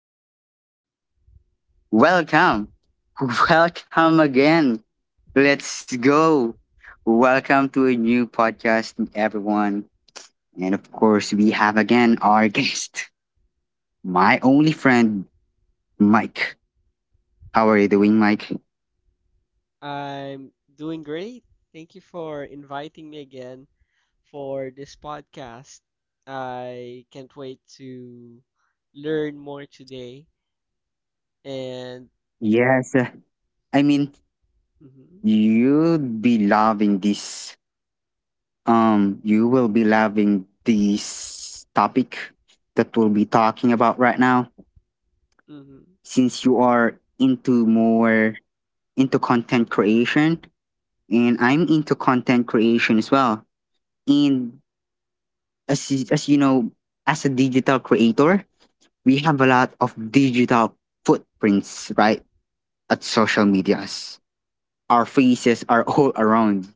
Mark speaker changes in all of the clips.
Speaker 1: Welcome. Welcome. Welcome again. Let's go. Welcome to a new podcast, everyone. And of course, we have again our guest, my only friend, Mike. How are you doing, Mike?
Speaker 2: I'm doing great. Thank you for inviting me again for this podcast. I can't wait to learn more today. And
Speaker 1: Yes. I mean,
Speaker 2: Mhm,
Speaker 1: you'd be loving this. You will be loving this topic that we'll be talking about right now
Speaker 2: mhm,
Speaker 1: since you are into more into content creation and I'm into content creation as well. And as you know, as a digital creator, we have a lot of digital footprints, right? At social medias. Our faces are all around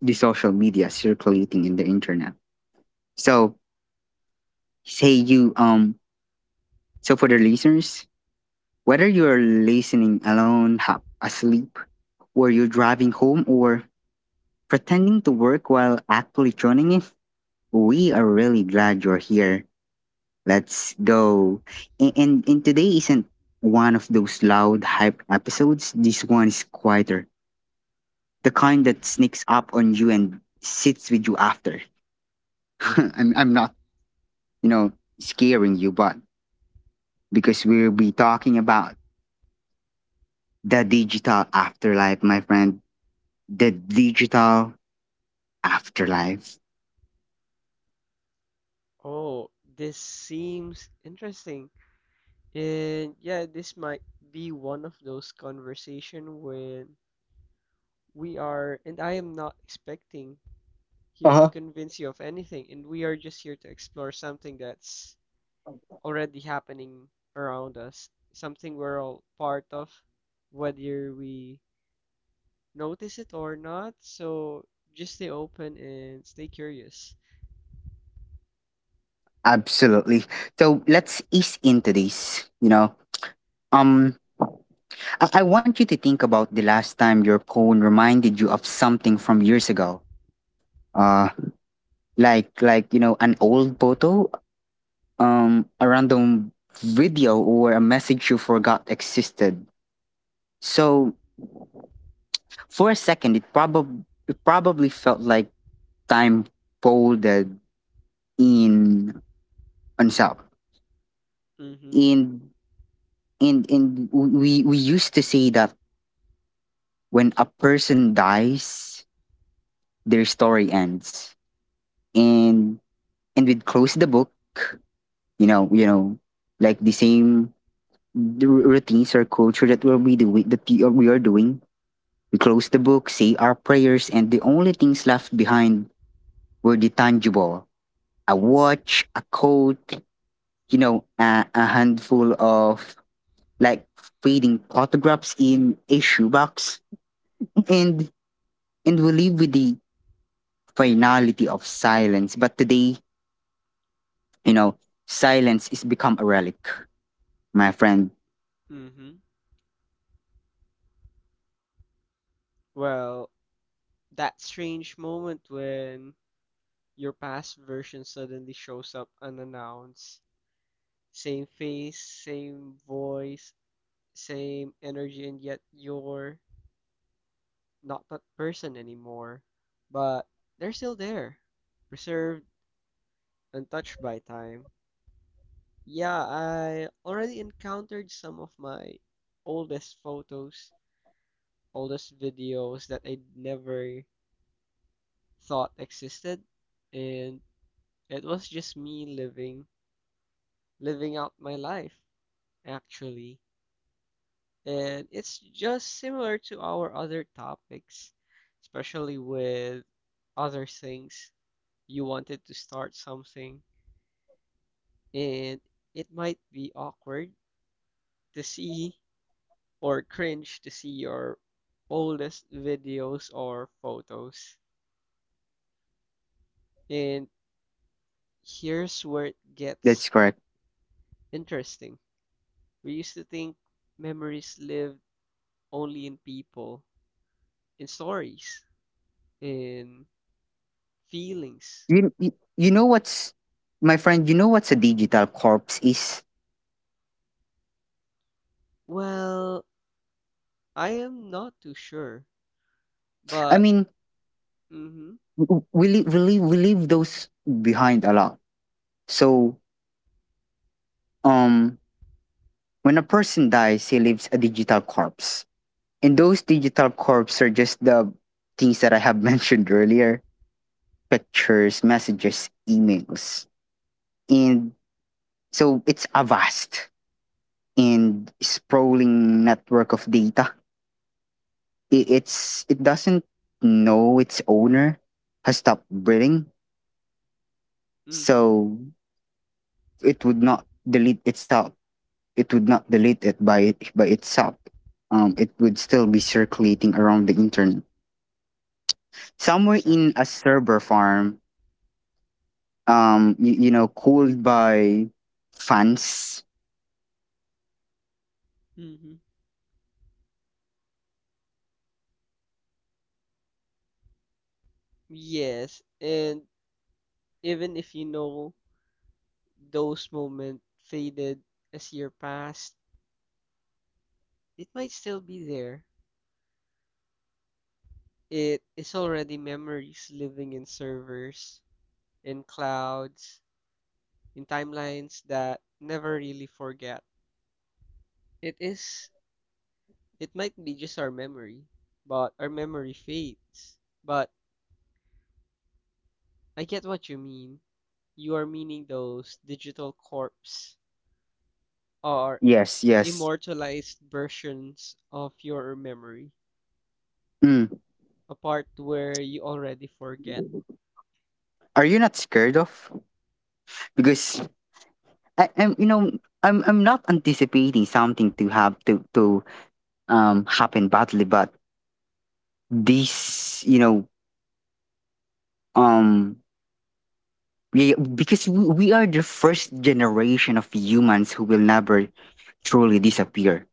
Speaker 1: the social media circulating in the internet. So say you so for the listeners, whether you're listening alone, asleep, or you're driving home or pretending to work while actually joining in, we are really glad you're here. Let's go. And today isn't one of those loud hype episodes. This one is quieter. The kind
Speaker 2: mhm.
Speaker 1: that sneaks up on you and sits with you after. I'm not, you know, scaring you, but because we'll be talking about the digital afterlife, my friend. The digital afterlife.
Speaker 2: Oh, this seems interesting. And yeah, this might be one of those conversation when we are, and I am not expecting
Speaker 1: Uh
Speaker 2: here to
Speaker 1: huh.
Speaker 2: convince you of anything, and we are just here to explore something that's already happening around us, something we're all part of, whether we notice it or not. So just stay open and stay curious.
Speaker 1: Absolutely. So let's ease into this, you know. Um, I want you to think about the last time your phone reminded you of something from years ago. Uh, like you know an old photo, a random video, or a message you forgot existed. So for a second, it probably felt like time folded in on itself.
Speaker 2: Mm-hmm.
Speaker 1: And and we used to say that when a person dies, their story ends. And and we'd close the book. You know, like the same r- routines or culture that we'll be doing that we are doing. We close the book, say our prayers, and the only things left behind were the tangible: a watch, a coat, you know, a handful of like fading photographs in a shoebox, and and we live with the finality of silence. But today, you know, silence is become a relic, my friend.
Speaker 2: Mm-hmm. Well, that strange moment when your past version suddenly shows up unannounced. Same face, same voice, same energy, and yet you're not that person anymore. But they're still there, reserved, untouched by time. Yeah, I already encountered some of my oldest photos, oldest videos that I never thought existed, and it was just me living out my life actually. And it's just similar to our other topics, especially with other things. You wanted to start something, and it might be awkward to see or cringe to see your oldest videos or photos. And here's where it gets
Speaker 1: That's correct.
Speaker 2: interesting. We used to think memories lived only in people, in stories, in feelings.
Speaker 1: You know what's my friend? You know what's a digital corpse is?
Speaker 2: Well, I am not too sure,
Speaker 1: I
Speaker 2: but
Speaker 1: mean,
Speaker 2: mm-hmm,
Speaker 1: we leave those behind a lot. So, um, when a person dies, he leaves a digital corpse, and those digital corpses are just the things that I have mentioned earlier: pictures, messages, emails, and so it's a vast and sprawling network of data it doesn't know its owner has stopped breathing
Speaker 2: mm-hmm,
Speaker 1: so it would not delete itself it would not delete it by it by itself. It would still be circulating around the internet somewhere in
Speaker 2: exact.
Speaker 1: a server farm, you, you know, cooled by fans.
Speaker 2: Mm-hmm. Yes, and even if you know those moments faded as year passed, it might still be there. It is already memories living in servers, in clouds, in timelines that never really forget. It is, it might be just our memory, but our memory fades. But I get what you mean. You are meaning those digital corpse
Speaker 1: Yes,
Speaker 2: or
Speaker 1: yes.
Speaker 2: immortalized versions of your memory,
Speaker 1: Mm.
Speaker 2: a part where you already forget.
Speaker 1: Are you not scared of because I'm you know I'm not anticipating something to have to happen badly but this, um yeah, because we are the first generation of humans who will never truly disappear,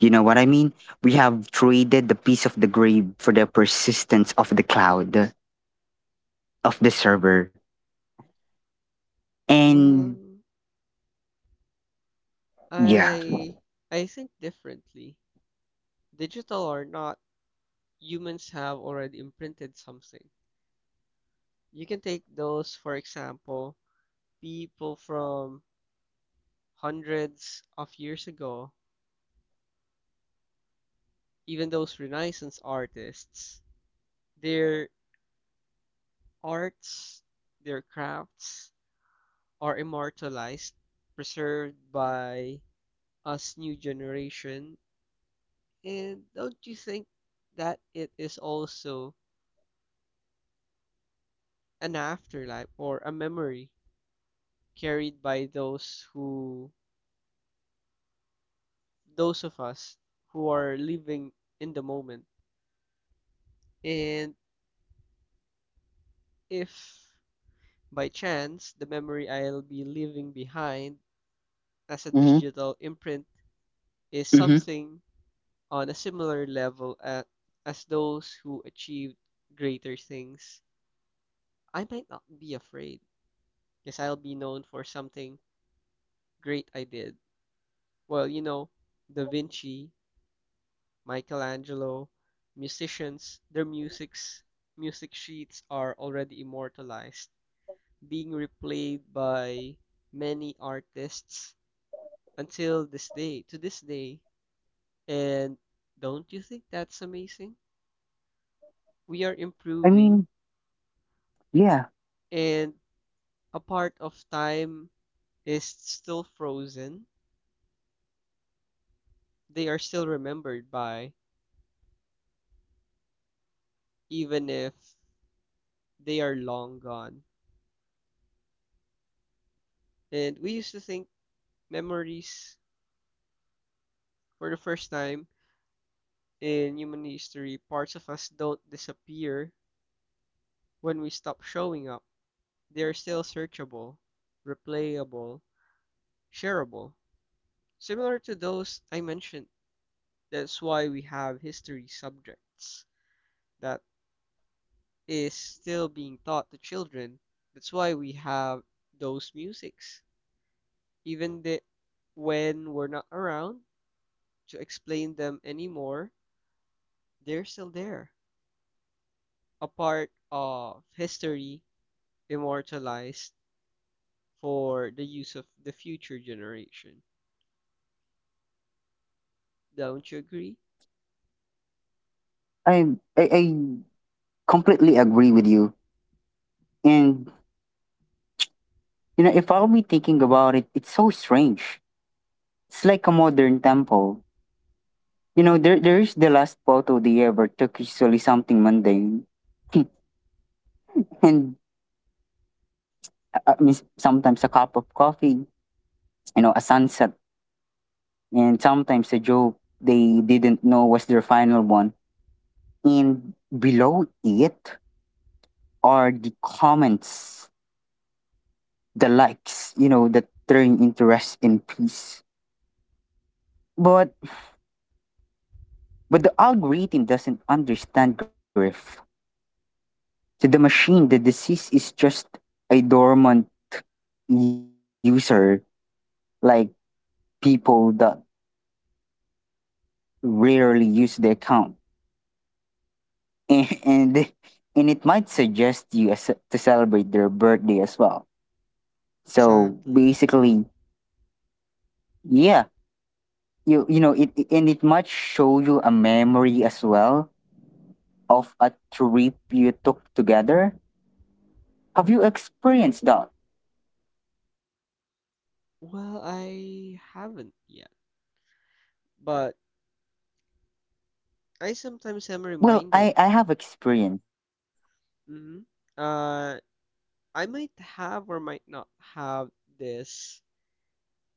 Speaker 1: you know what I mean? We have traded the peace of the grave for the persistence of the cloud, of the server. And
Speaker 2: Well,
Speaker 1: yeah.
Speaker 2: I I think differently. Digital or not, humans have already imprinted something. You can take those, for example, people from hundreds of years ago, even those Renaissance artists, their arts, their crafts are immortalized, preserved by us new generation. And don't you think that it is also an afterlife or a memory carried by those who those of us who are living in the moment. And if by chance the memory I'll be leaving behind as a
Speaker 1: Hmm.
Speaker 2: digital imprint is
Speaker 1: Hmm.
Speaker 2: something on a similar level at, as those who achieved greater things, I might not be afraid because I'll be known for something great I did. Well, you know, Da Vinci, Michelangelo, musicians, their music sheets are already immortalized being replayed by many artists until this day, to this day. And don't you think that's amazing? We are
Speaker 1: i
Speaker 2: improving,
Speaker 1: mean yeah,
Speaker 2: and a part of time is still frozen. They are still remembered by, even if they are long gone. And we used to think memories, for the first time in human history, parts of us don't disappear when we stop showing up. They are still searchable, replayable, shareable, similar to those I mentioned. That's why we have history subjects that is still being taught to children. That's why we have those musics, even the, when we're not around to explain them anymore, they're still there, a part of history immortalized for the use of the future generation. Don't you agree?
Speaker 1: I, I completely agree with you. And you know, if I'll be thinking about it, it's so strange. It's like a modern temple. You know, there is the last photo they ever took, usually something mundane, and I mean, sometimes a cup of coffee, you know, a sunset, and sometimes a joke they didn't know was their final one. And below it are the comments, the likes, you know, that turn interest in peace. But but the algorithm doesn't understand grief. To the machine, the disease is just a dormant user. Like people that rarely use the account, and and, and it might suggest you as, to celebrate their birthday as well. So
Speaker 2: Exactly.
Speaker 1: basically, yeah, you know it, it- and it might show you a memory as well of a trip you took together. Have you experienced that?
Speaker 2: Well, I haven't yet, but I
Speaker 1: Well,
Speaker 2: sometimes am
Speaker 1: I have
Speaker 2: reminded.
Speaker 1: experienced.
Speaker 2: hmm Uh, I might have or might not have this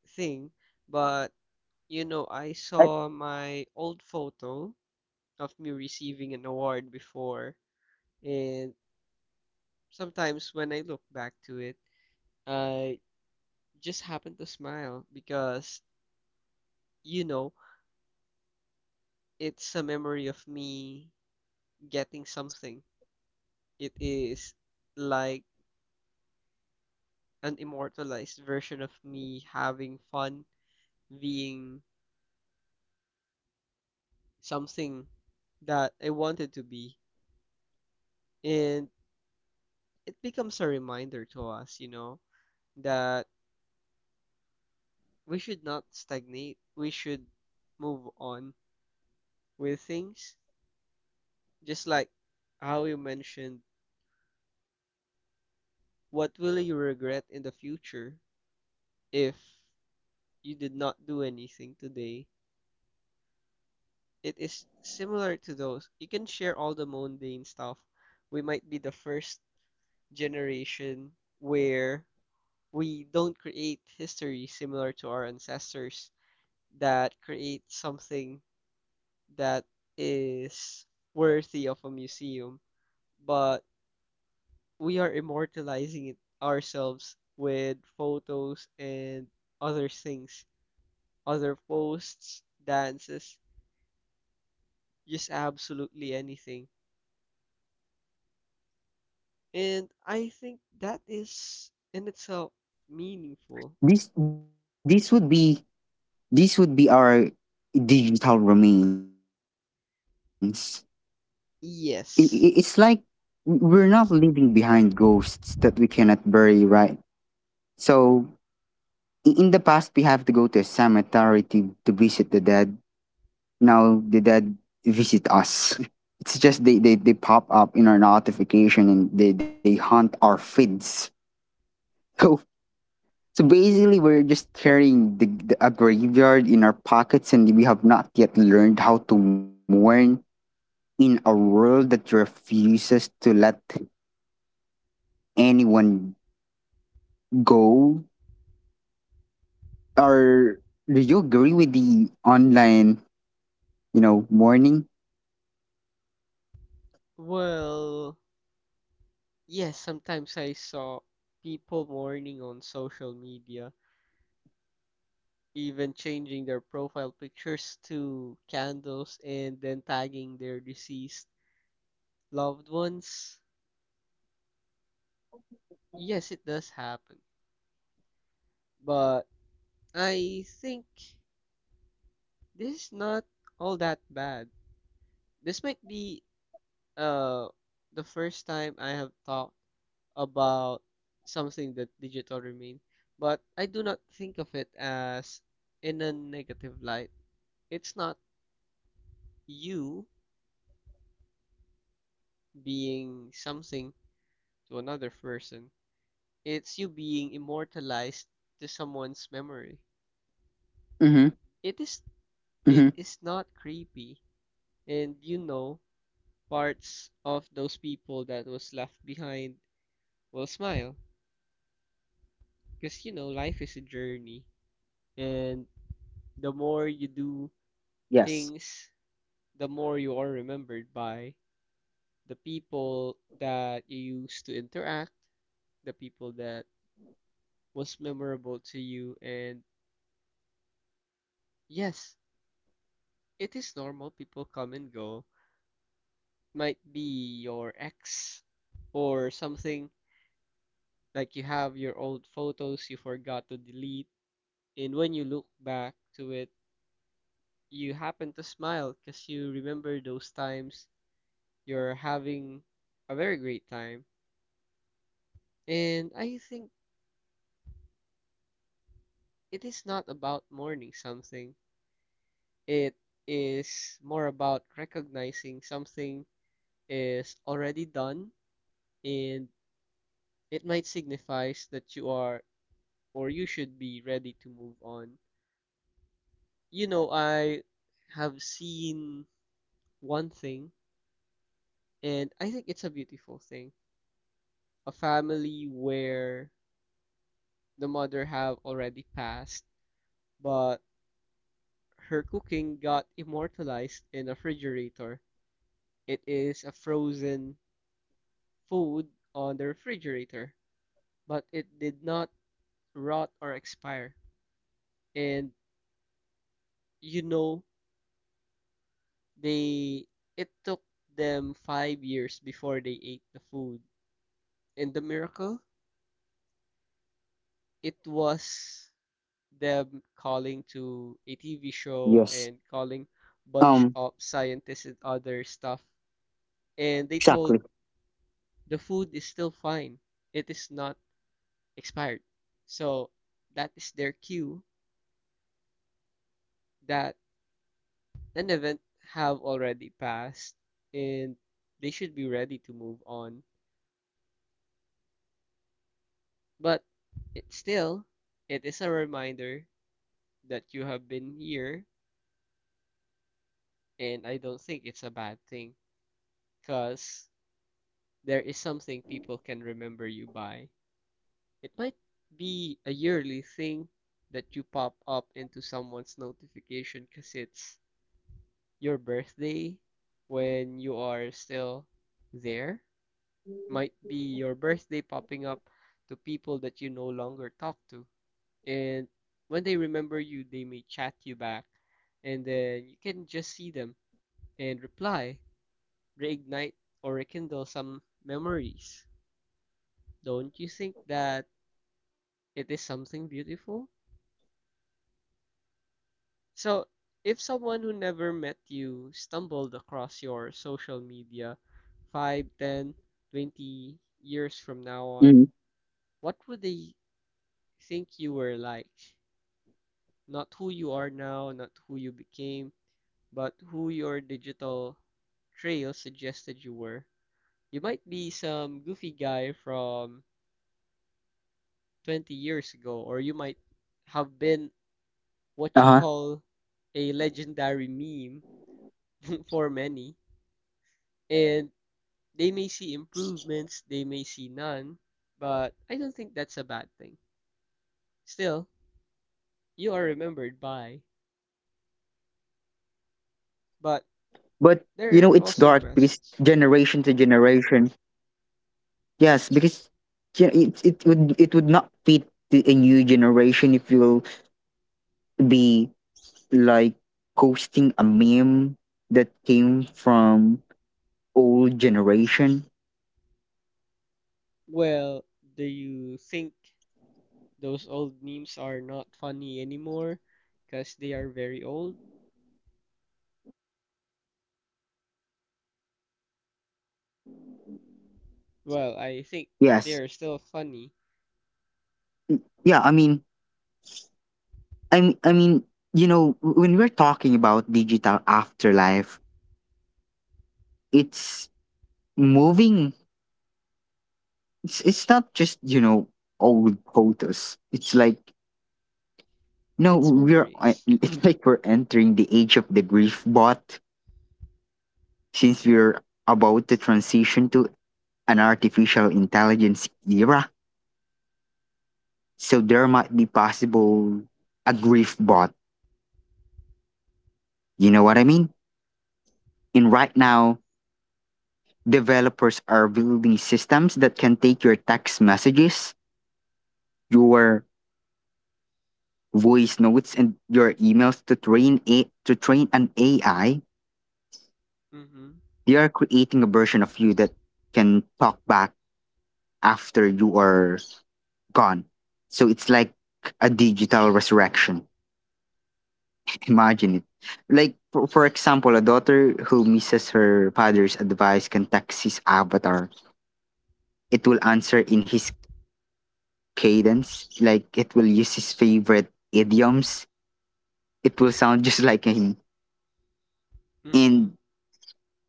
Speaker 2: thing, but you
Speaker 1: I,
Speaker 2: know, I saw my old photo of me receiving an award before, and sometimes when I look back to it, I just happen to smile because, you know, it's a memory of me getting something. It is like an immortalized version of me having fun, being something that I wanted to be. And it becomes a reminder to us, you know, that we should not stagnate. We should move on with things. Just like how you mentioned, what will you regret in the future if you did not do anything today? It is similar to those. You can share all the mundane stuff. We might be the first generation where we don't create history similar to our ancestors that create something that is worthy of a museum, but we are immortalizing it ourselves with photos and other things, other posts, dances, just absolutely anything. And I think that is in
Speaker 1: You
Speaker 2: itself
Speaker 1: know,
Speaker 2: meaningful.
Speaker 1: this this would be this would be our digital remains. I
Speaker 2: Yes.
Speaker 1: It's like we're not leaving behind ghosts that we cannot bury, right? So in the past, we have to go to a cemetery to dead. Now the dead visit us. It's just they pop up in our notification and they haunt our feeds. So. So basically, we're just carrying a graveyard in our pockets, and we have not yet learned how to mourn in a world that refuses to let anyone go. Or do agree with the online, you know, mourning?
Speaker 2: Well, yes, sometimes I saw people mourning on social media, even changing their profile pictures to candles and then tagging their deceased loved ones. Yes, it does happen. But I think this is not all that bad. This might be uh the first time I have talked about something that digital remain, but I do not think of it as in a negative light. It's not you being something to another person. It's you being immortalized to someone's memory.
Speaker 1: Mm-hmm.
Speaker 2: It is it
Speaker 1: Mm-hmm.
Speaker 2: is not creepy, and you know parts of those people that was left behind will smile because you know life is a journey and the more you do
Speaker 1: Yes.
Speaker 2: things the more you are remembered by the people that you used to interact the people that was memorable to you. And yes, it is normal. People come and go. Might be your ex or something. Like you have your old photos you forgot to delete. And when you look back to it, you happen to smile because you remember those times you're having a very great time. And I think it is not about mourning something, it is more about recognizing something is already done, and it might signifies that you are or you should be ready to move on. You know, I have seen one thing and I think it's a beautiful thing. A family where the mother have already passed, but her cooking got immortalized in a refrigerator. It is a frozen food on the refrigerator, but it did not rot or expire. And you know they it took them 5 years before they ate the food. And the miracle, it was them calling
Speaker 1: Yes.
Speaker 2: to a TV show
Speaker 1: Um.
Speaker 2: and calling bunch of scientists and other stuff.
Speaker 1: Exactly.
Speaker 2: And they told the food is still fine. It is not expired. So that is their cue that an event have already passed and they should be ready to move on. But it still, it is a reminder that you have been here, and I don't think it's a bad thing because there is something people can remember you by. It might be a yearly thing that you pop up into someone's notification because it's your birthday when you are still there. Might be your birthday popping up to people that you no longer talk to, and when they remember you, they may chat you back, and then you can just see them and reply, reignite or rekindle some memories. Don't you think that it is something beautiful? So, if someone who never met you stumbled across your social media 5, 10, twenty
Speaker 1: Mm-hmm.
Speaker 2: years from now on, what would they think you were like? Not who you are now, not who you became, but who your digital trail suggested you were. You might be some goofy guy from 20 years ago, or you might have been what
Speaker 1: Uh
Speaker 2: you
Speaker 1: huh.
Speaker 2: call a legendary meme for many, and they may see improvements, they may see none, but I don't think that's a bad thing. Still, you are remembered by, but
Speaker 1: But you know, it's
Speaker 2: there are
Speaker 1: dark
Speaker 2: also
Speaker 1: because
Speaker 2: questions.
Speaker 1: generation to generation, yes, because you know, it would not fit the, a new generation if you'll be like posting a meme that came from old generation.
Speaker 2: Well, do you think those old memes are not funny anymore because they are very old? Well, I think
Speaker 1: Yes,
Speaker 2: they are still funny.
Speaker 1: yeah. I mean, you know, when we're talking about digital afterlife, it's moving. It's not just you know old photos. It's like no,
Speaker 2: It's memories.
Speaker 1: it's like we're entering the age of the grief bot. Since we're about to transition to an artificial intelligence era, so there might be possible a grief bot. You know what I mean? And right now, developers are building systems that can take your text messages, your voice notes, and your emails to train an AI.
Speaker 2: Mm-hmm.
Speaker 1: They are creating a version of you that can talk back after you are gone. So it's like a digital resurrection. Imagine it. Like, for example, a daughter who misses her father's advice contacts his avatar. It will answer in his cadence, like, it will use his favorite idioms. It will sound just like him.
Speaker 2: Mm-hmm.
Speaker 1: And,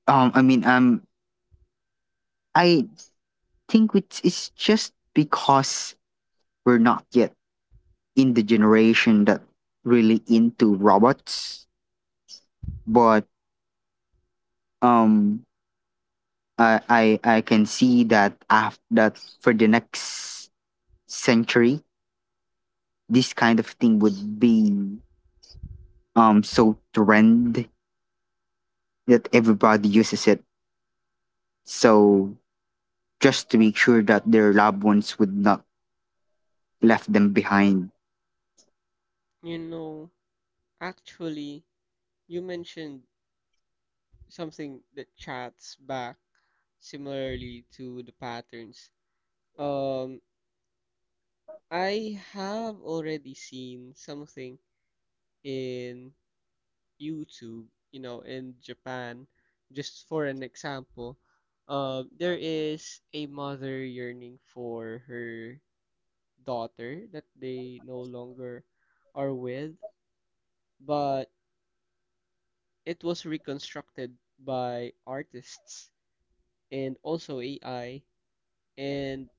Speaker 1: um, I mean, um, I think it's just because we're not yet in the generation that really into robots. But, um, I can see that after that for the next century, this kind of thing would be so trend that everybody uses it. So just to make sure that their loved ones would not left them behind.
Speaker 2: You know, actually, you mentioned something that chats back similarly to the patterns. Um, I have already seen something in YouTube, you know, in Japan, just for an example, there is a mother yearning for her daughter that they no longer are with, but it was reconstructed by artists and also AI. And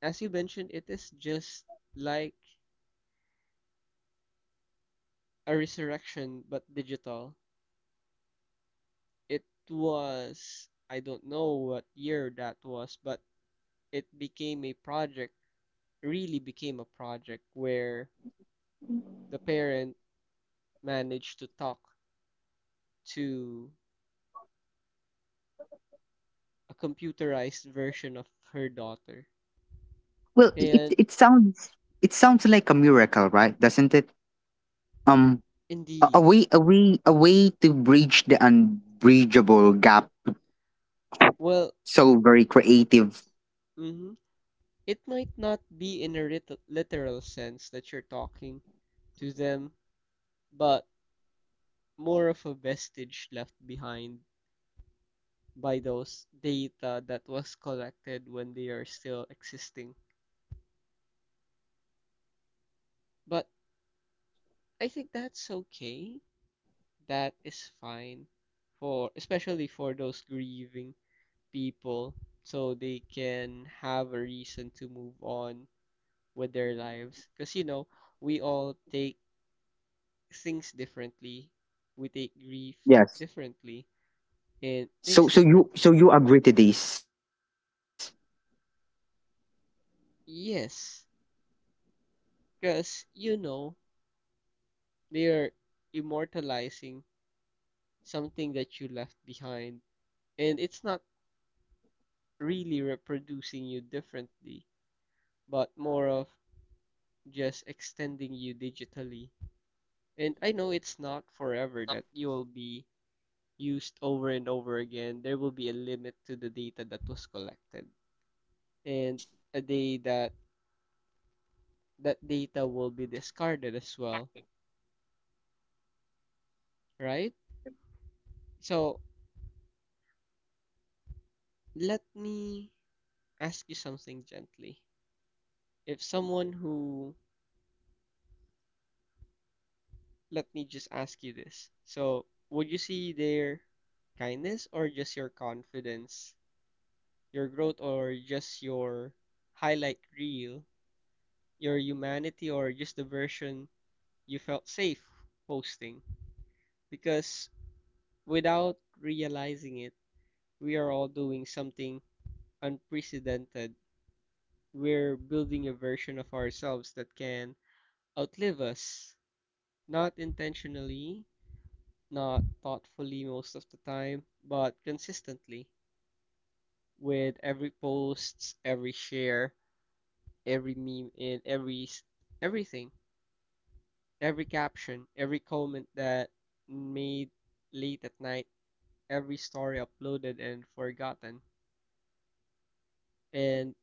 Speaker 2: as you mentioned, it is just like a resurrection but digital. It was, I don't know what year that was, but it became a project really became a project where the parent managed to talk to a computerized version of her daughter.
Speaker 1: Well, i- it
Speaker 2: And
Speaker 1: it sounds it sounds like a miracle, right? Doesn't it? Um, a, a
Speaker 2: indeed,
Speaker 1: way a way a way to bridge the unbridgeable gap.
Speaker 2: well,
Speaker 1: So very creative.
Speaker 2: mhm, it might not be in a literal sense that you're talking to them, but more of a vestige left behind by those data that was collected when they are still existing. But I think that's okay, that is fine for especially for those grieving people so they can have a reason to move on with their lives because you know we all take things differently, we take grief
Speaker 1: Yes.
Speaker 2: differently and
Speaker 1: So
Speaker 2: things
Speaker 1: so you so
Speaker 2: differently.
Speaker 1: you agree to this?
Speaker 2: Yes, because you know they're immortalizing something that you left behind and it's not really reproducing you differently but more of just extending you digitally. And I know it's not forever that you will be used over and over again. There will be a limit to the data that was collected, and a day that that data will be discarded as well, right? So let me ask you something gently. If someone who Let me just ask you this. So, would you see their kindness or just your confidence, your growth or just your highlight reel, your humanity or just the version you felt safe posting? Because without realizing it, we are all doing something unprecedented. We're building a version of ourselves that can outlive us, not intentionally, not thoughtfully most of the time, but consistently with every post, every share, every meme, and every everything. Every caption, every comment that made late at night, every story uploaded and forgotten. And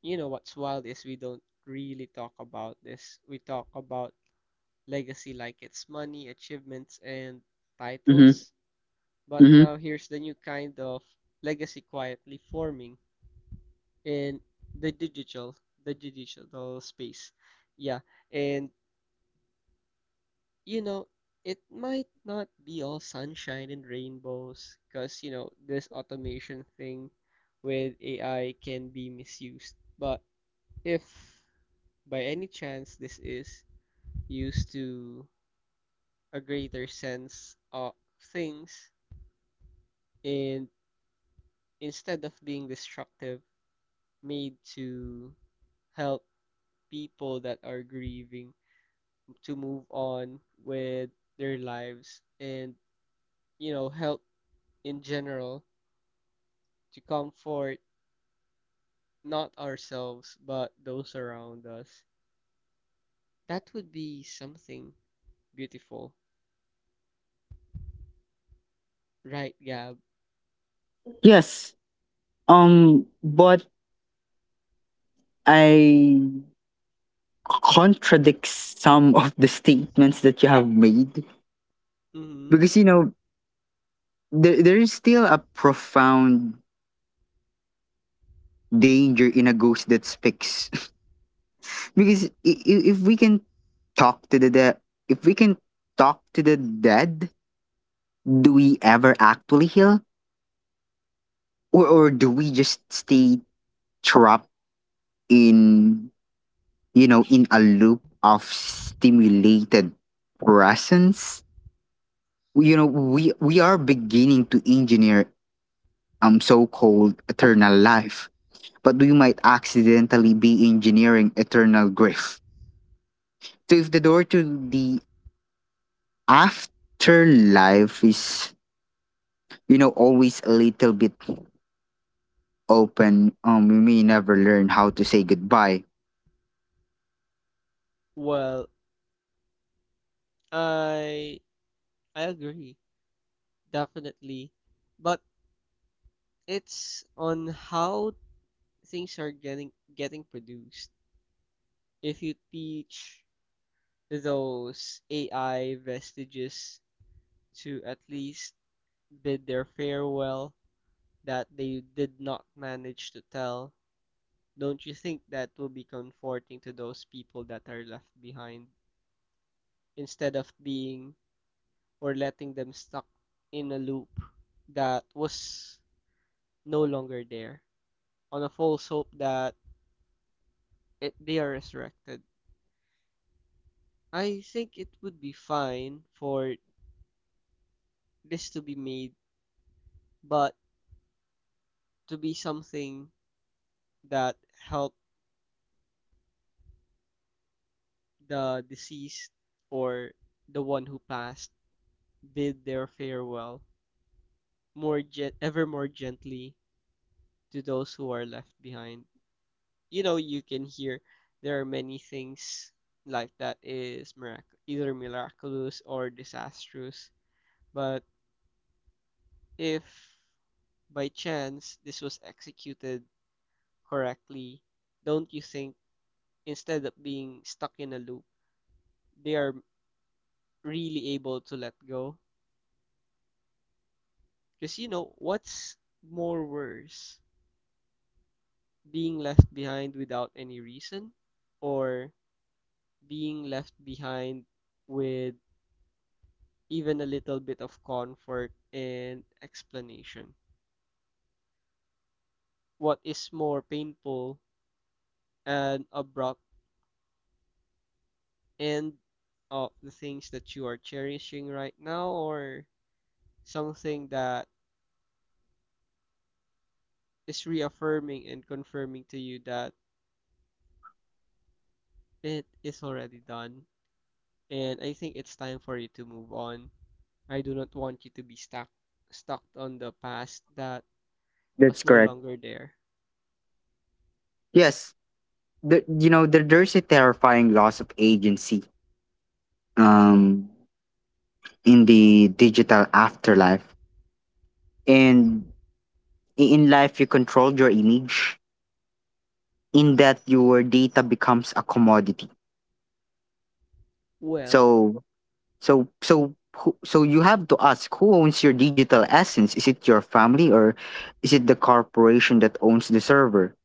Speaker 2: you know what's wild is we don't really talk about this. We talk about legacy like it's money, achievements, and
Speaker 1: Mhm.
Speaker 2: titles. But
Speaker 1: Mhm.
Speaker 2: now here's the new kind of legacy quietly forming in the digital, the digital space. Yeah, and you know, it might not be all sunshine and rainbows because, you know, this automation thing with AI can be misused. But if by any chance this is used to a greater sense of things and instead of being destructive, made to help people that are grieving to move on with their lives and, you know, help in general to comfort not ourselves but those around us. That would be something beautiful, right, Gab?
Speaker 1: Yes. But I contradict some of the statements that you have made
Speaker 2: Mm-hmm.
Speaker 1: because you know there there is still a profound danger in a ghost that speaks. Because if we can talk to the dead, if we can talk to the dead, do we ever actually heal, or do we just stay trapped in you know, in a loop of stimulated presence. You know, we are beginning to engineer so-called eternal life, but we might accidentally be engineering eternal grief. So if the door to the afterlife is, you know, always a little bit open, we may never learn how to say goodbye.
Speaker 2: Well, I I agree, definitely. But it's on how things are getting produced. If you teach those AI vestiges to at least bid their farewell that they did not manage to tell. Don't you think that will be comforting to those people that are left behind instead of being or letting them stuck in a loop that was no longer there on a false hope that it, they are resurrected? I think it would be fine for this to be made, but to be something that helped the deceased or the one who passed bid their farewell ever more gently to those who are left behind. You know, you can hear there are many things like that is either miraculous or disastrous. But if by chance this was executed correctly, don't you think instead of being stuck in a loop, they are really able to let go? Because you know, what's more worse? Being left behind without any reason, or being left behind with even a little bit of comfort and explanation. What is more painful and abrupt end of the things that you are cherishing right now, or something that is reaffirming and confirming to you that it is already done, and I think it's time for you to move on. I do not want you to be stuck on the past that
Speaker 1: That's
Speaker 2: was no
Speaker 1: correct.
Speaker 2: longer there.
Speaker 1: Yes. You know, there's a terrifying loss of agency. Um, in the digital afterlife. And in life, you controlled your image in that your data becomes a commodity.
Speaker 2: Well,
Speaker 1: So, so you have to ask who owns your digital essence? Is it your family or is it the corporation that owns the server?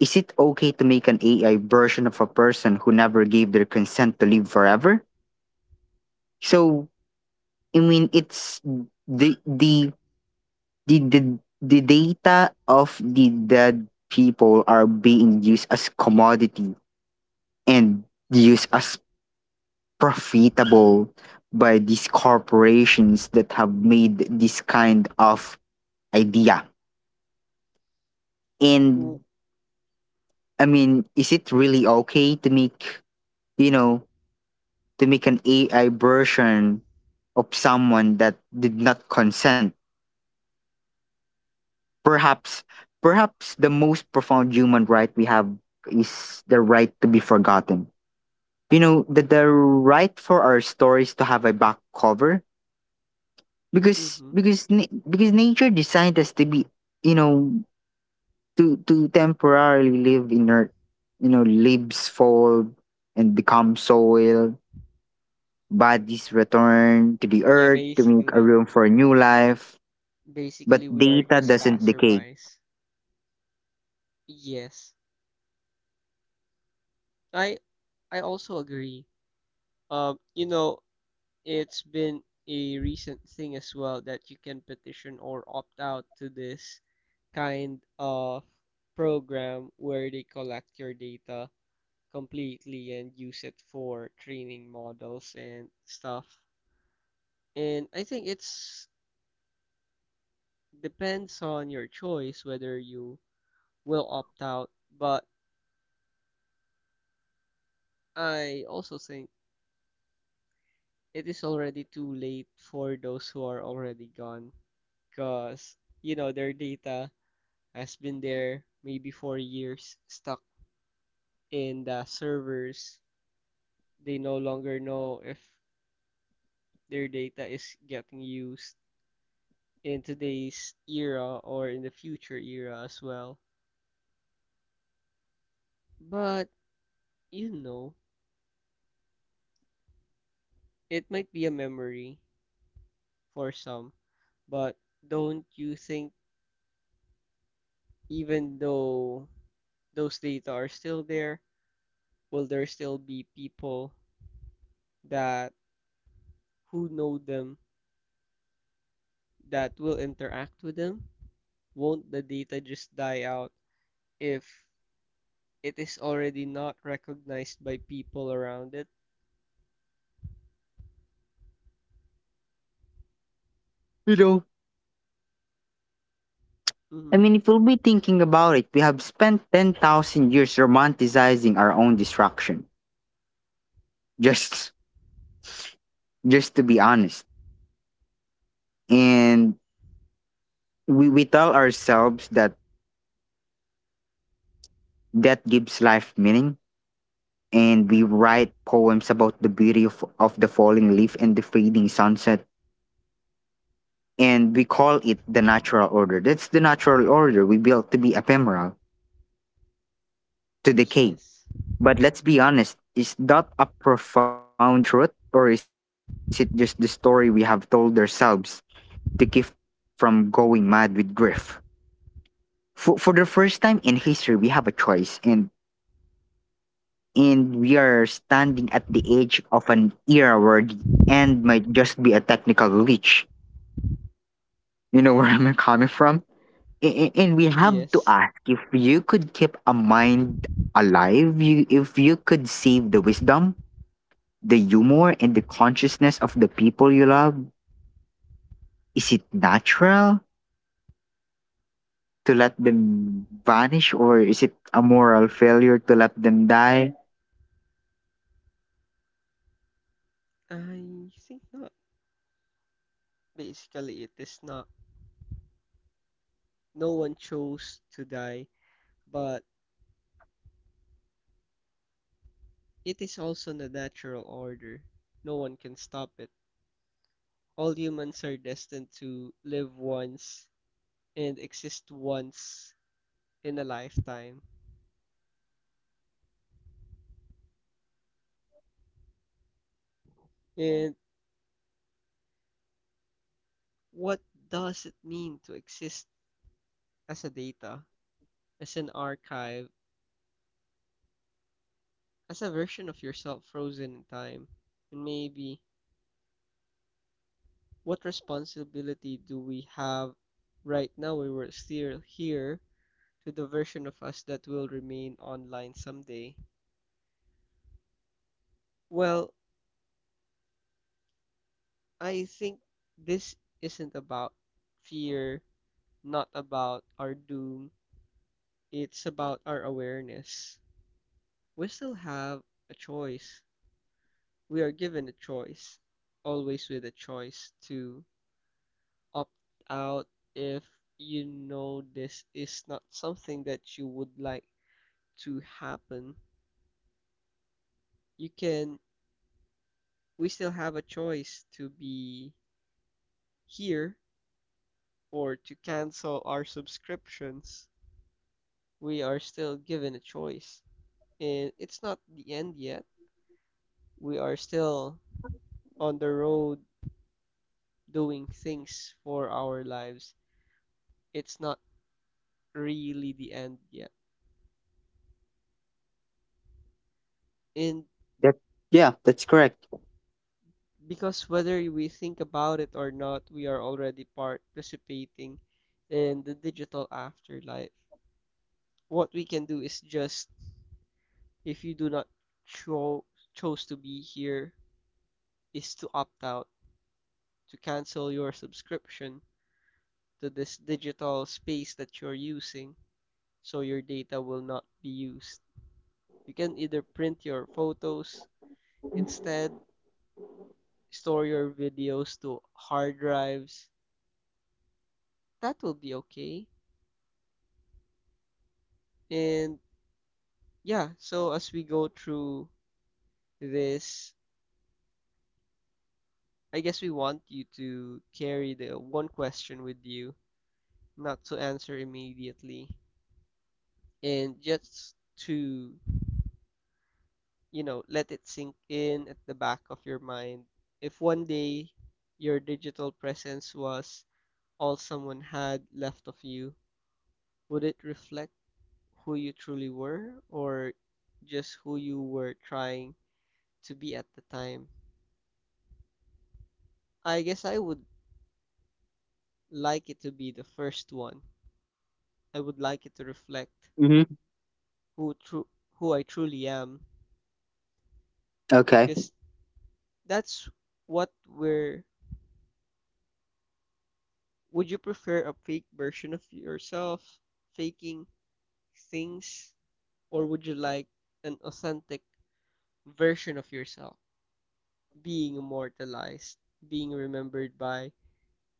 Speaker 1: Is it okay to make an AI version of a person who never gave their consent to live forever? So, I mean, it's the the the the, the data of the dead people are being used as commodity and used as profitable by these corporations that have made this kind of idea.
Speaker 2: w-
Speaker 1: And I mean, is it really okay to make, you know to make an AI version of someone that did not consent? Perhaps, perhaps the most profound human right we have is the right to be forgotten. You know, the right for our stories to have a back cover. Because
Speaker 2: mhm.
Speaker 1: because nature designed us to be, you know, to temporarily live in our, you know, leaves fold and become soil, bodies return to the
Speaker 2: Yeah,
Speaker 1: earth to make a
Speaker 2: basically.
Speaker 1: room for new life. But
Speaker 2: Basically, we are
Speaker 1: data
Speaker 2: just
Speaker 1: doesn't decay.
Speaker 2: passerbys. Yes. I I also agree. You know, it's been a recent thing as well that you can petition or opt out to this kind of program where they collect your data completely and use it for training models and stuff. And I think it's depends on your choice whether you will opt out, but I also think it is already too late for those who are already gone because you know their data has been there maybe for years stuck in the servers. They no longer know if their data is getting used in today's era or in the future era as well, but you know it might be a memory for some. But don't you think, even though those data are still there, will there still be people that who know them that will interact with them? Won't the data just die out if it is already not recognized by people around it?
Speaker 1: You know, I
Speaker 2: Mm-hmm.
Speaker 1: mean, if we'll be thinking about it, we have spent 10,000 years romanticizing our own destruction, just just to be honest. And we tell ourselves that gives life meaning, and we write poems about the beauty of the falling leaf and the fading sunset, and we call it the natural order. That's the natural order we built to be ephemeral, to decay.
Speaker 2: Yes.
Speaker 1: But let's be honest, is that a profound truth or is it just the story we have told ourselves to keep from going mad with grief? For the first time in history we have a choice, and we are standing at the edge of an era where the end might just be a technical glitch. You know where I'm coming from? And we have to
Speaker 2: Yes.
Speaker 1: ask, if you could keep a mind alive, you, if you could save the wisdom, the humor, and the consciousness of the people you love, is it natural to let them vanish or is it a moral failure to let them die?
Speaker 2: I think not. Basically, it is not. No one chose to die, but it is also the natural order. No one can stop it. All humans are destined to live once and exist once in a lifetime. And what does it mean to exist as a data, as an archive, as a version of yourself frozen in time? And maybe, what responsibility do we have right now we were still here to the version of us that will remain online someday? Well, I think this isn't about fear, not about our doom. It's about our awareness. We still have a choice. We are given a choice, always with a choice to opt out if you know this is not something that you would like to happen. You can, we still have a choice to be here or to cancel our subscriptions. We are still given a choice. And it's not the end yet. We are still on the road doing things for our lives. It's not really the end yet. And
Speaker 1: That, yeah, that's correct.
Speaker 2: because whether we think about it or not, we are already participating in the digital afterlife. What we can do is just, if you do not cho chose to be here, is to opt out, to cancel your subscription to this digital space that you're using, so your data will not be used. You can either print your photos, instead, store your videos to hard drives. That will be okay. And yeah, so as we go through this, I guess we want you to carry the one question with you, not to answer immediately, and just to, you know, let it sink in at the back of your mind. If one day your digital presence was all someone had left of you, would it reflect who you truly were or just who you were trying to be at the time? I guess I would like it to be the first one. I would like it to reflect
Speaker 1: Mm-hmm.
Speaker 2: who true who I truly am,
Speaker 1: Okay,
Speaker 2: because that's what we're. Would you prefer a fake version of yourself faking things, or would you like an authentic version of yourself being immortalized, being remembered by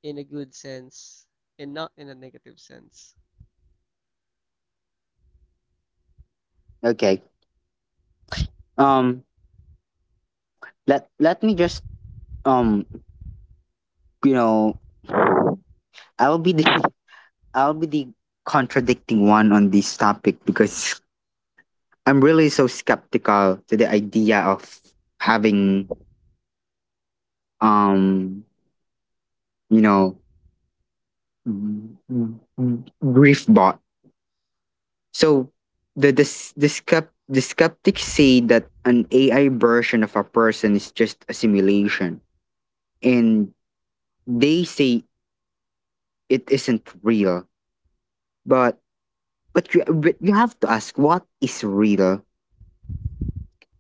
Speaker 2: in a good sense and not in a negative sense?
Speaker 1: okay. Um, let me just um you know I'll be the I'll be the contradicting one on this topic, because I'm really so skeptical to the idea of having, um you know, grief bot. So the skeptics say that an AI version of a person is just a simulation, and they say it isn't real. But but you have to ask, what is real?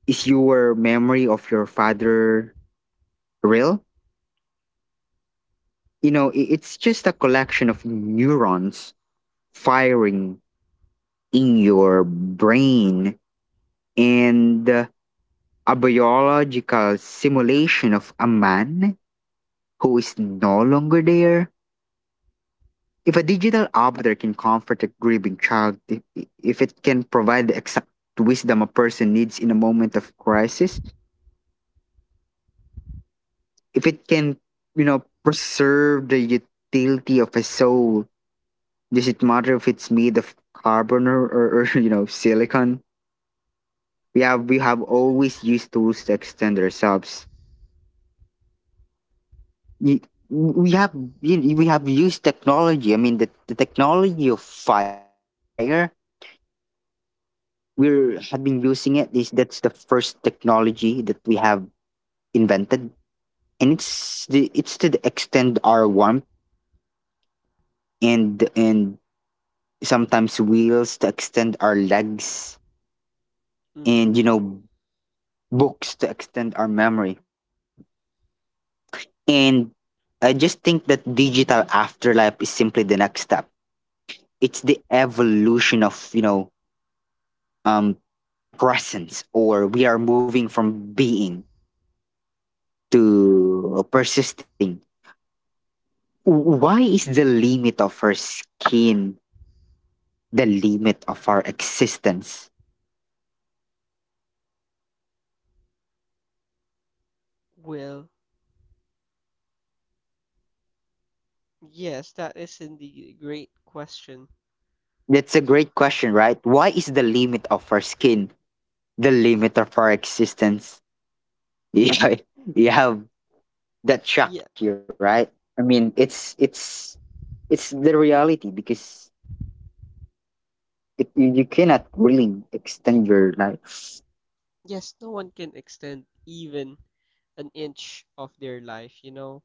Speaker 1: Is your memory of your father real? You know, it's just a collection of neurons firing in your brain and a biological simulation of a man who is no longer there. If a digital avatar can comfort a grieving child, if it can provide the exact wisdom a person needs in a moment of crisis, if it can, you know, preserve the utility of a soul, does it matter if it's made of carbon or you know, silicon? We have always used tools to extend ourselves. Y- We have, we have used technology. I mean, the technology of fire, we're had been
Speaker 2: Mhm.
Speaker 1: using it, is that's the first technology that we have invented, and it's the it's to the extend our warmth, and sometimes wheels to extend our legs,
Speaker 2: Mhm.
Speaker 1: and you know, books to extend our memory, and I just think that digital afterlife is simply the next step. It's the evolution of, you know, um presence, or we are moving from being to persisting. Why is the limit of our skin the limit of our existence?
Speaker 2: Well, yes, that is indeed a great question.
Speaker 1: That's a
Speaker 2: To
Speaker 1: great question, right? Why is the limit of our skin the limit of our existence? Yeah, you have, that
Speaker 2: Yeah.
Speaker 1: shock you, right? I mean, it's it's the reality because it, you cannot really extend your life.
Speaker 2: Yes, no one can extend even an inch of their life, you know?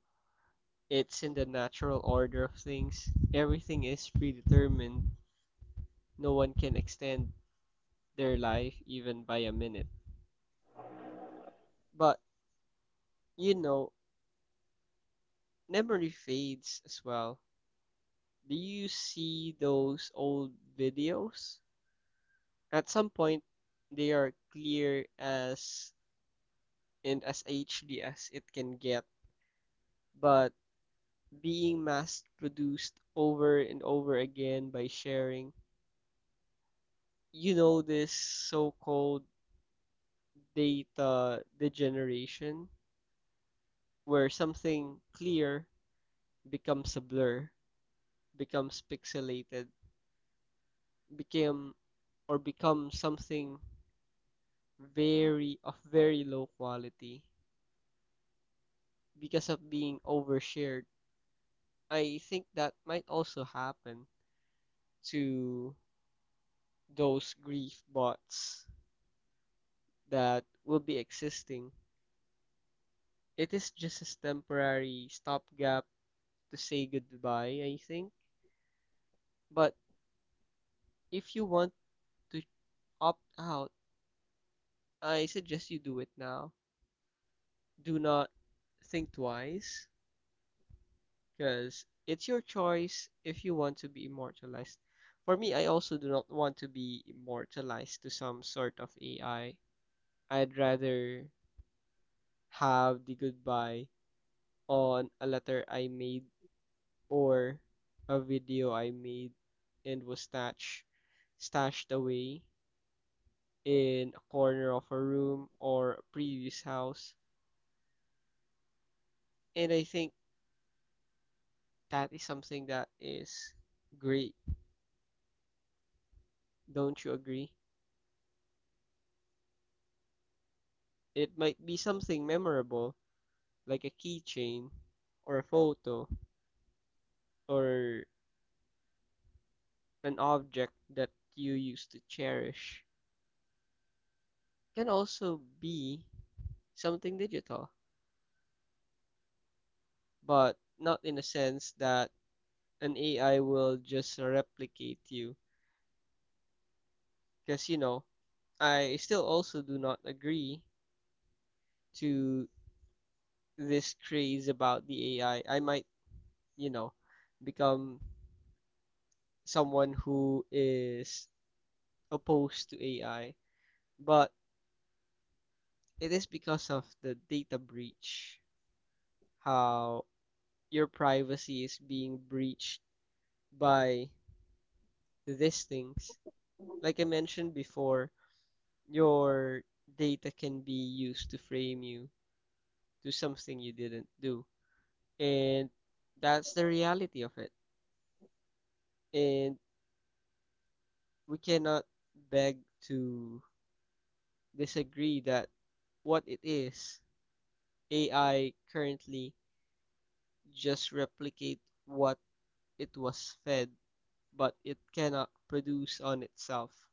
Speaker 2: It's in the natural order of things. Everything is predetermined. No one can extend their life even by a minute. But, you know, memory fades as well. Do you see those old videos? At some point, they are clear as and as HD as it can get, but being mass produced over and over again by sharing. You know, this so called data degeneration, where something clear becomes a blur, becomes pixelated, became or becomes something very of very low quality because of being overshared. I think that might also happen to those grief bots that will be existing. It is just a temporary stopgap to say goodbye, I think. But if you want to opt out, I suggest you do it now. Do not think twice, because it's your choice if you want to be immortalized. For me, I also do not want to be immortalized to some sort of AI. I'd rather have the goodbye on a letter I made or a video I made and was stashed away in a corner of a room or a previous house. And I think that is something that is great. Don't you agree? It might be something memorable, like a keychain or a photo or an object that you used to cherish. It can also be something digital, but not in a sense that an AI will just replicate you. Because, you know, I still also do not agree to this craze about the AI. I might, you know, become someone who is opposed to AI, but it is because of the data breach, how your privacy is being breached by these things. Like I mentioned before, your data can be used to frame you, do something you didn't do. And that's the reality of it. And we cannot beg to disagree that what it is, AI currently just replicate what it was fed, but it cannot produce on itself.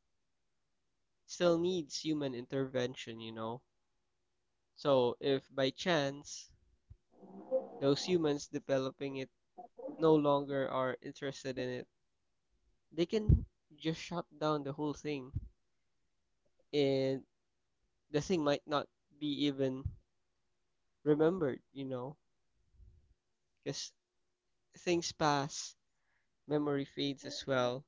Speaker 2: Still needs human intervention, you know. So if by chance those humans developing it no longer are interested in it, they can just shut down the whole thing and the thing might not be even remembered, you know, because things pass, memory fades as well.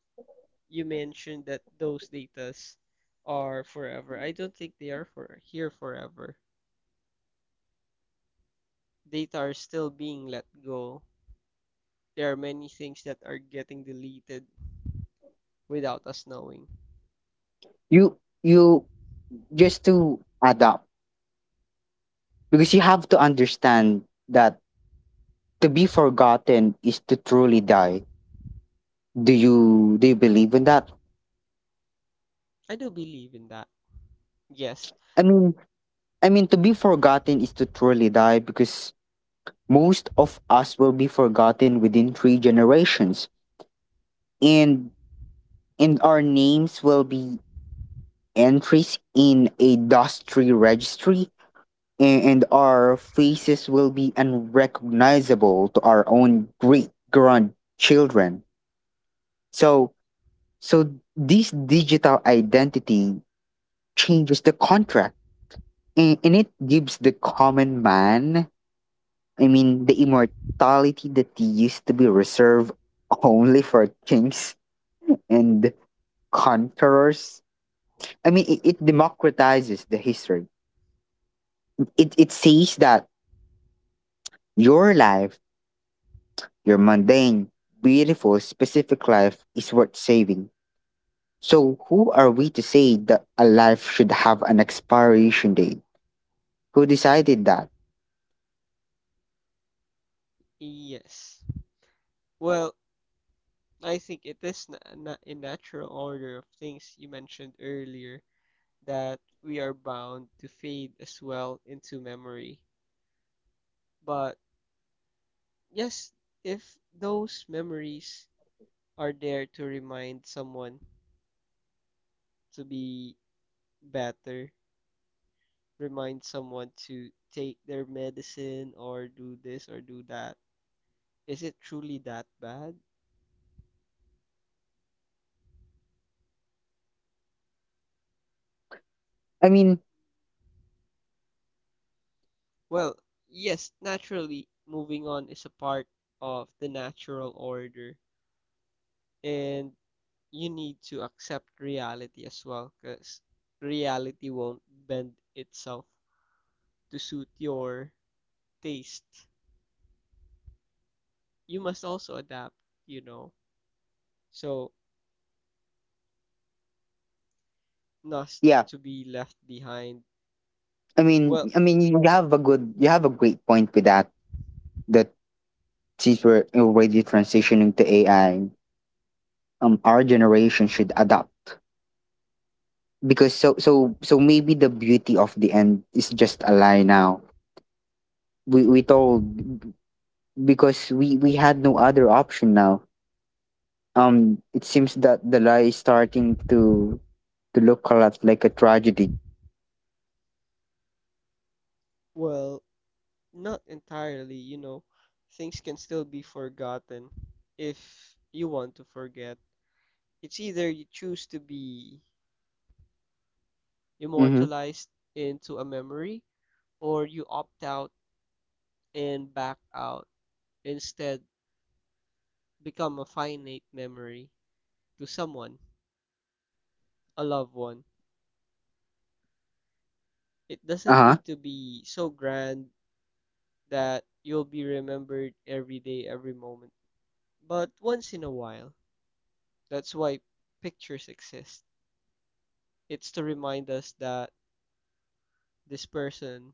Speaker 2: You mentioned that those datas are forever. I don't think they are for here forever. Data are still being let go. There are many things that are getting deleted without us knowing.
Speaker 1: You you just to adapt because you have to understand that to be forgotten is to truly die. Do you believe in that?
Speaker 2: I do believe in that. Yes.
Speaker 1: I mean, I mean, to be forgotten is to truly die, because most of us will be forgotten within 3 generations, and and our names will be entries in a dustry registry, and our faces will be unrecognizable to our own great grandchildren. So, so, this digital identity changes the contract, and it gives the common man, I mean, the immortality that used to be reserved only for kings and conquerors. I mean, it democratizes the history. It says that your life, your mundane, beautiful, specific life is worth saving. So who are we to say that a life should have an expiration date? Who decided that?
Speaker 2: Yes. Well, I think it is in natural order of things you mentioned earlier that we are bound to fade as well into memory. But yes, if those memories are there to remind someone to be better, remind someone to take their medicine or do this or do that, is it truly that bad?
Speaker 1: I mean,
Speaker 2: Well, yes, naturally, moving on is a part of the natural order. And you need to accept reality as well because reality won't bend itself to suit your taste. You must also adapt, you know. So not
Speaker 1: yeah.
Speaker 2: to be left behind. Well,
Speaker 1: I mean, you have a good, you have a great point with that. That since we're already transitioning to AI, our generation should adapt, because so so so maybe the beauty of the end is just a lie now, we told, because we had no other option now. Um, it seems that the lie is starting to look a lot like a tragedy.
Speaker 2: well, not entirely, you know. Things can still be forgotten if you want to forget. It's either you choose to be
Speaker 1: Mm-hmm.
Speaker 2: immortalized into a memory, or you opt out and back out instead, become a finite memory to someone, a loved one.
Speaker 1: Uh-huh.
Speaker 2: It doesn't need to be so grand that you'll be remembered every day, every moment, but once in a while. That's why pictures exist. It's to remind us that this person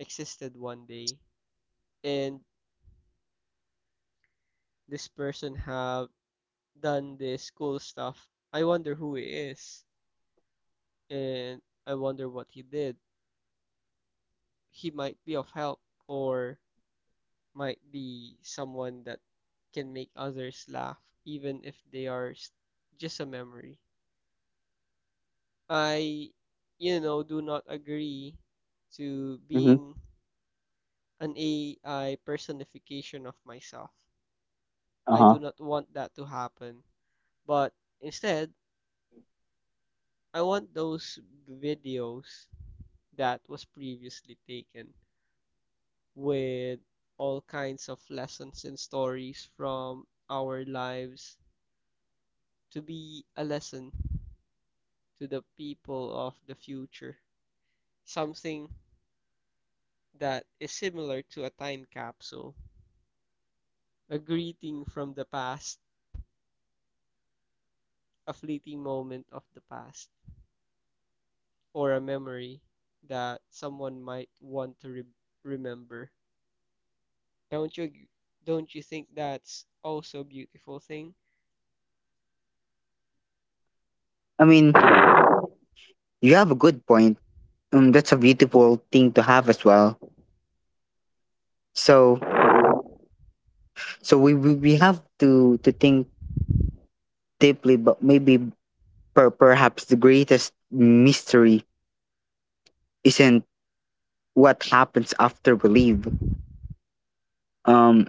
Speaker 2: existed one day and this person have done this cool stuff. I wonder who he is and I wonder what he did. He might be of help or might be someone that can make others laugh, even if they are just a memory. I do not agree to being
Speaker 1: Mm-hmm.
Speaker 2: an AI personification of myself. I do not
Speaker 1: Uh-huh.
Speaker 2: want that to happen. But instead, I want those videos that was previously taken with all kinds of lessons and stories from our lives to be a lesson to the people of the future. Something that is similar to a time capsule, a greeting from the past, a fleeting moment of the past, or a memory that someone might want to remember. Don't you don't you think that's also a beautiful thing?
Speaker 1: I mean, have a good point, that's a beautiful thing to have as well. So, so we have to think deeply, but maybe perhaps the greatest mystery isn't what happens after we leave. Um.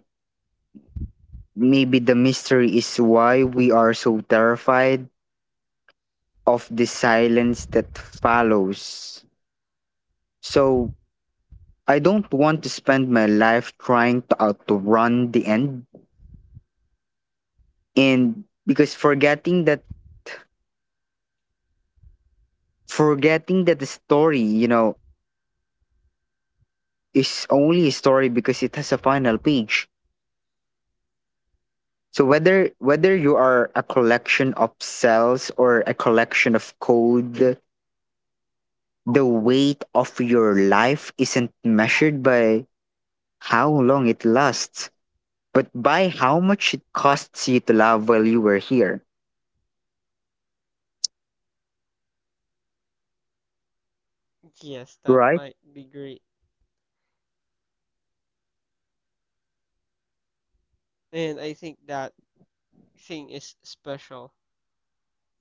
Speaker 1: Maybe the mystery is why we are so terrified of the silence that follows. So, I don't want to spend my life trying to outrun the end. And because forgetting that the story, you know, is only a story because it has a final page. So whether you are a collection of cells or a collection of code, the weight of your life isn't measured by how long it lasts, but by how much it costs you to love while you were here,
Speaker 2: Yes, that
Speaker 1: right?
Speaker 2: might be great. And I think that thing is special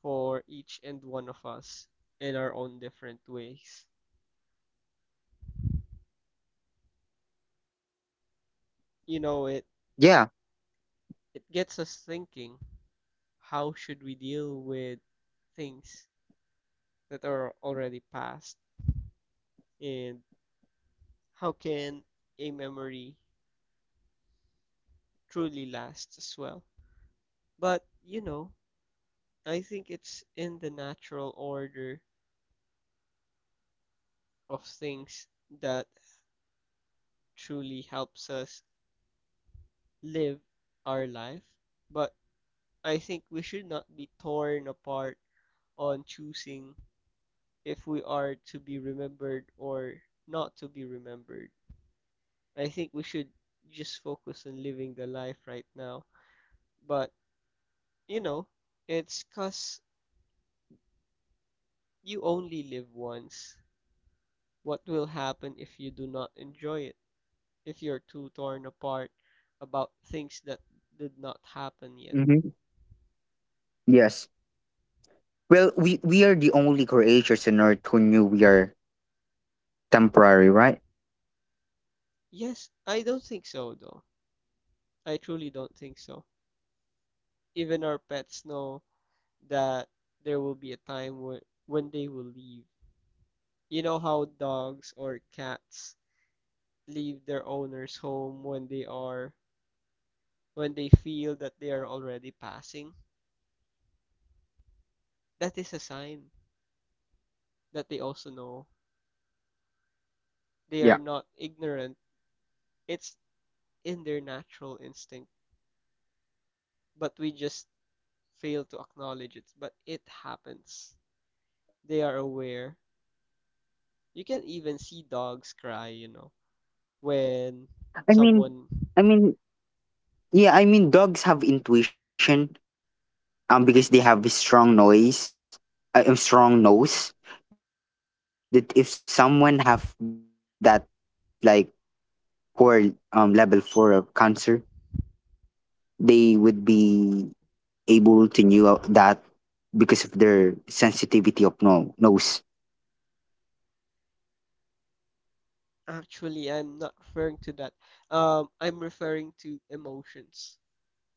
Speaker 2: for each and one of us in our own different ways. You know, it
Speaker 1: Yeah.
Speaker 2: it gets us thinking how should we deal with things that are already past and how can a memory truly last as well. But, you know, I think it's in the natural order of things that truly helps us live our life. But I think we should not be torn apart on choosing if we are to be remembered or not to be remembered. I think we should just focus on living the life right now. But, you know, it's 'cause you only live once. What will happen if you do not enjoy it? If you're too torn apart about things that did not happen yet?
Speaker 1: Hmm. Yes. Well, we are the only creatures on earth who knew we are temporary, right?
Speaker 2: Yes, I don't think so, though. I truly don't think so. Even our pets know that there will be a time where, when they will leave. You know how dogs or cats leave their owner's home when they are when they feel that they are already passing, that is a sign that they also know they are not
Speaker 1: Yeah.
Speaker 2: ignorant. It's in their natural instinct, but we just fail to acknowledge it. But it happens. They are aware. You can even see dogs cry, you know, when
Speaker 1: I mean,
Speaker 2: someone
Speaker 1: I mean, yeah. I mean, dogs have intuition, because they have a strong noise, a strong nose. That if someone have that like poor level 4 of cancer, they would be able to knew out that because of their sensitivity of no nose.
Speaker 2: actually I'm not referring to that. I'm referring to emotions.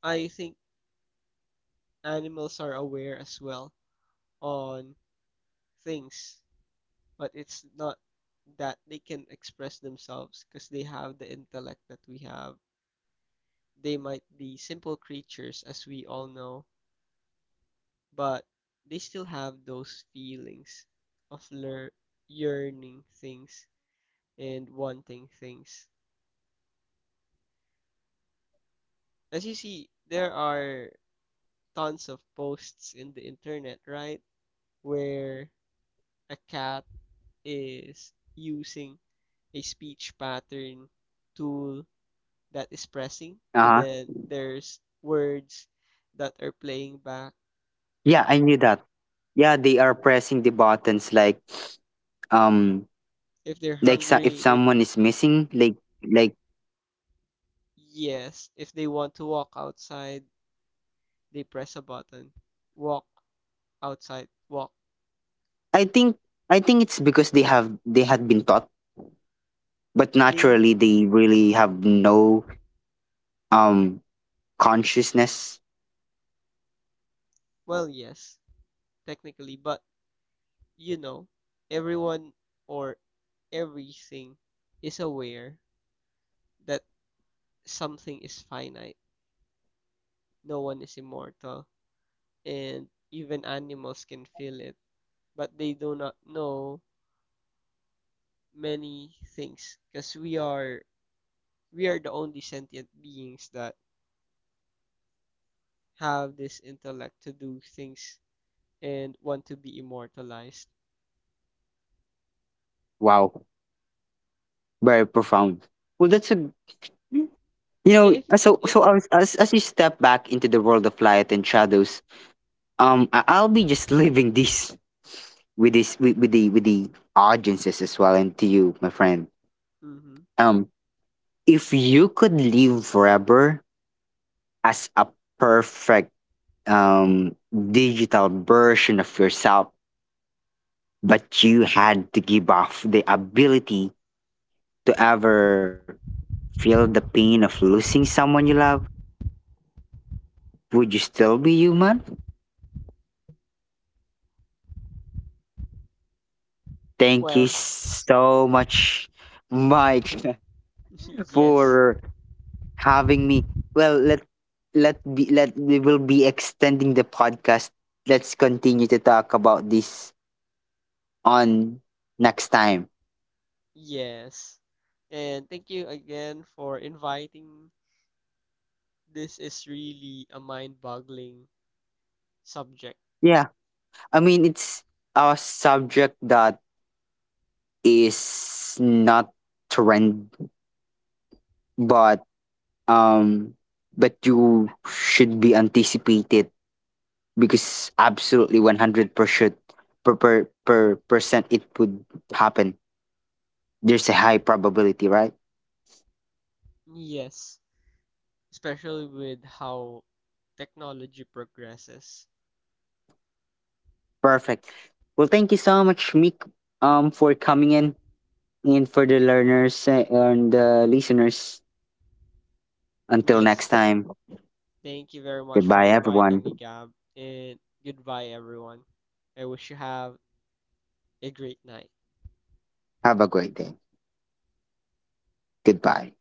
Speaker 2: I think animals are aware as well on things, but it's not that they can express themselves because they have the intellect that we have. They might be simple creatures, as we all know, but they still have those feelings of yearning things and wanting things. As you see, there are tons of posts in the internet, right? Where a cat is using a speech pattern tool that is pressing, and
Speaker 1: Uh-huh.
Speaker 2: then there's words that are playing back.
Speaker 1: Yeah, I knew that. Yeah, they are pressing the buttons like um
Speaker 2: If they're
Speaker 1: so- if
Speaker 2: hungry, they
Speaker 1: someone is missing, like, yeah,
Speaker 2: yes.
Speaker 1: I,
Speaker 2: If they
Speaker 1: I
Speaker 2: want to
Speaker 1: have
Speaker 2: walk
Speaker 1: watched that video.
Speaker 2: outside, they press a button. Walk outside, walk.
Speaker 1: I think, I think it's because they have they had been taught, but
Speaker 2: They
Speaker 1: naturally they really have no, um consciousness.
Speaker 2: well, yes, technically, but you know, everyone or everything is aware that something is finite. No one is immortal, and even animals can feel it, but they do not know many things because we are the only sentient beings that have this intellect to do things and want to be immortalized.
Speaker 1: Wow, very profound. Well, that's a, you know,
Speaker 2: Yeah, if
Speaker 1: so
Speaker 2: if
Speaker 1: as you step back into the world of light and shadows, I- I'll be just leaving this with this with the audiences as well, and to you, my friend.
Speaker 2: hmm
Speaker 1: Um, if you could live forever as a perfect digital version of yourself, but you had to give off the ability to ever feel the pain of losing someone you love, would you still be human? Thank you
Speaker 2: well,
Speaker 1: so much, Mike,
Speaker 2: yes,
Speaker 1: for having me. Well, let we will be extending the podcast. Let's continue to talk about this on next time.
Speaker 2: yes, and thank you again for inviting. This is really a mind-boggling subject.
Speaker 1: Yeah, I mean it's a subject that is not trend, but um, but you should be anticipated because absolutely 100% percent it would happen. There's a high probability, right?
Speaker 2: Yes, especially with how technology progresses.
Speaker 1: Perfect. Well, thank you so much, Meek, um, for coming in, and for the learners, and the listeners, until
Speaker 2: Yes.
Speaker 1: next time.
Speaker 2: Thank you very much for
Speaker 1: Goodbye,
Speaker 2: inviting
Speaker 1: everyone.
Speaker 2: me, Gab, and goodbye, everyone. I wish you have a great night.
Speaker 1: Have a great day. Goodbye.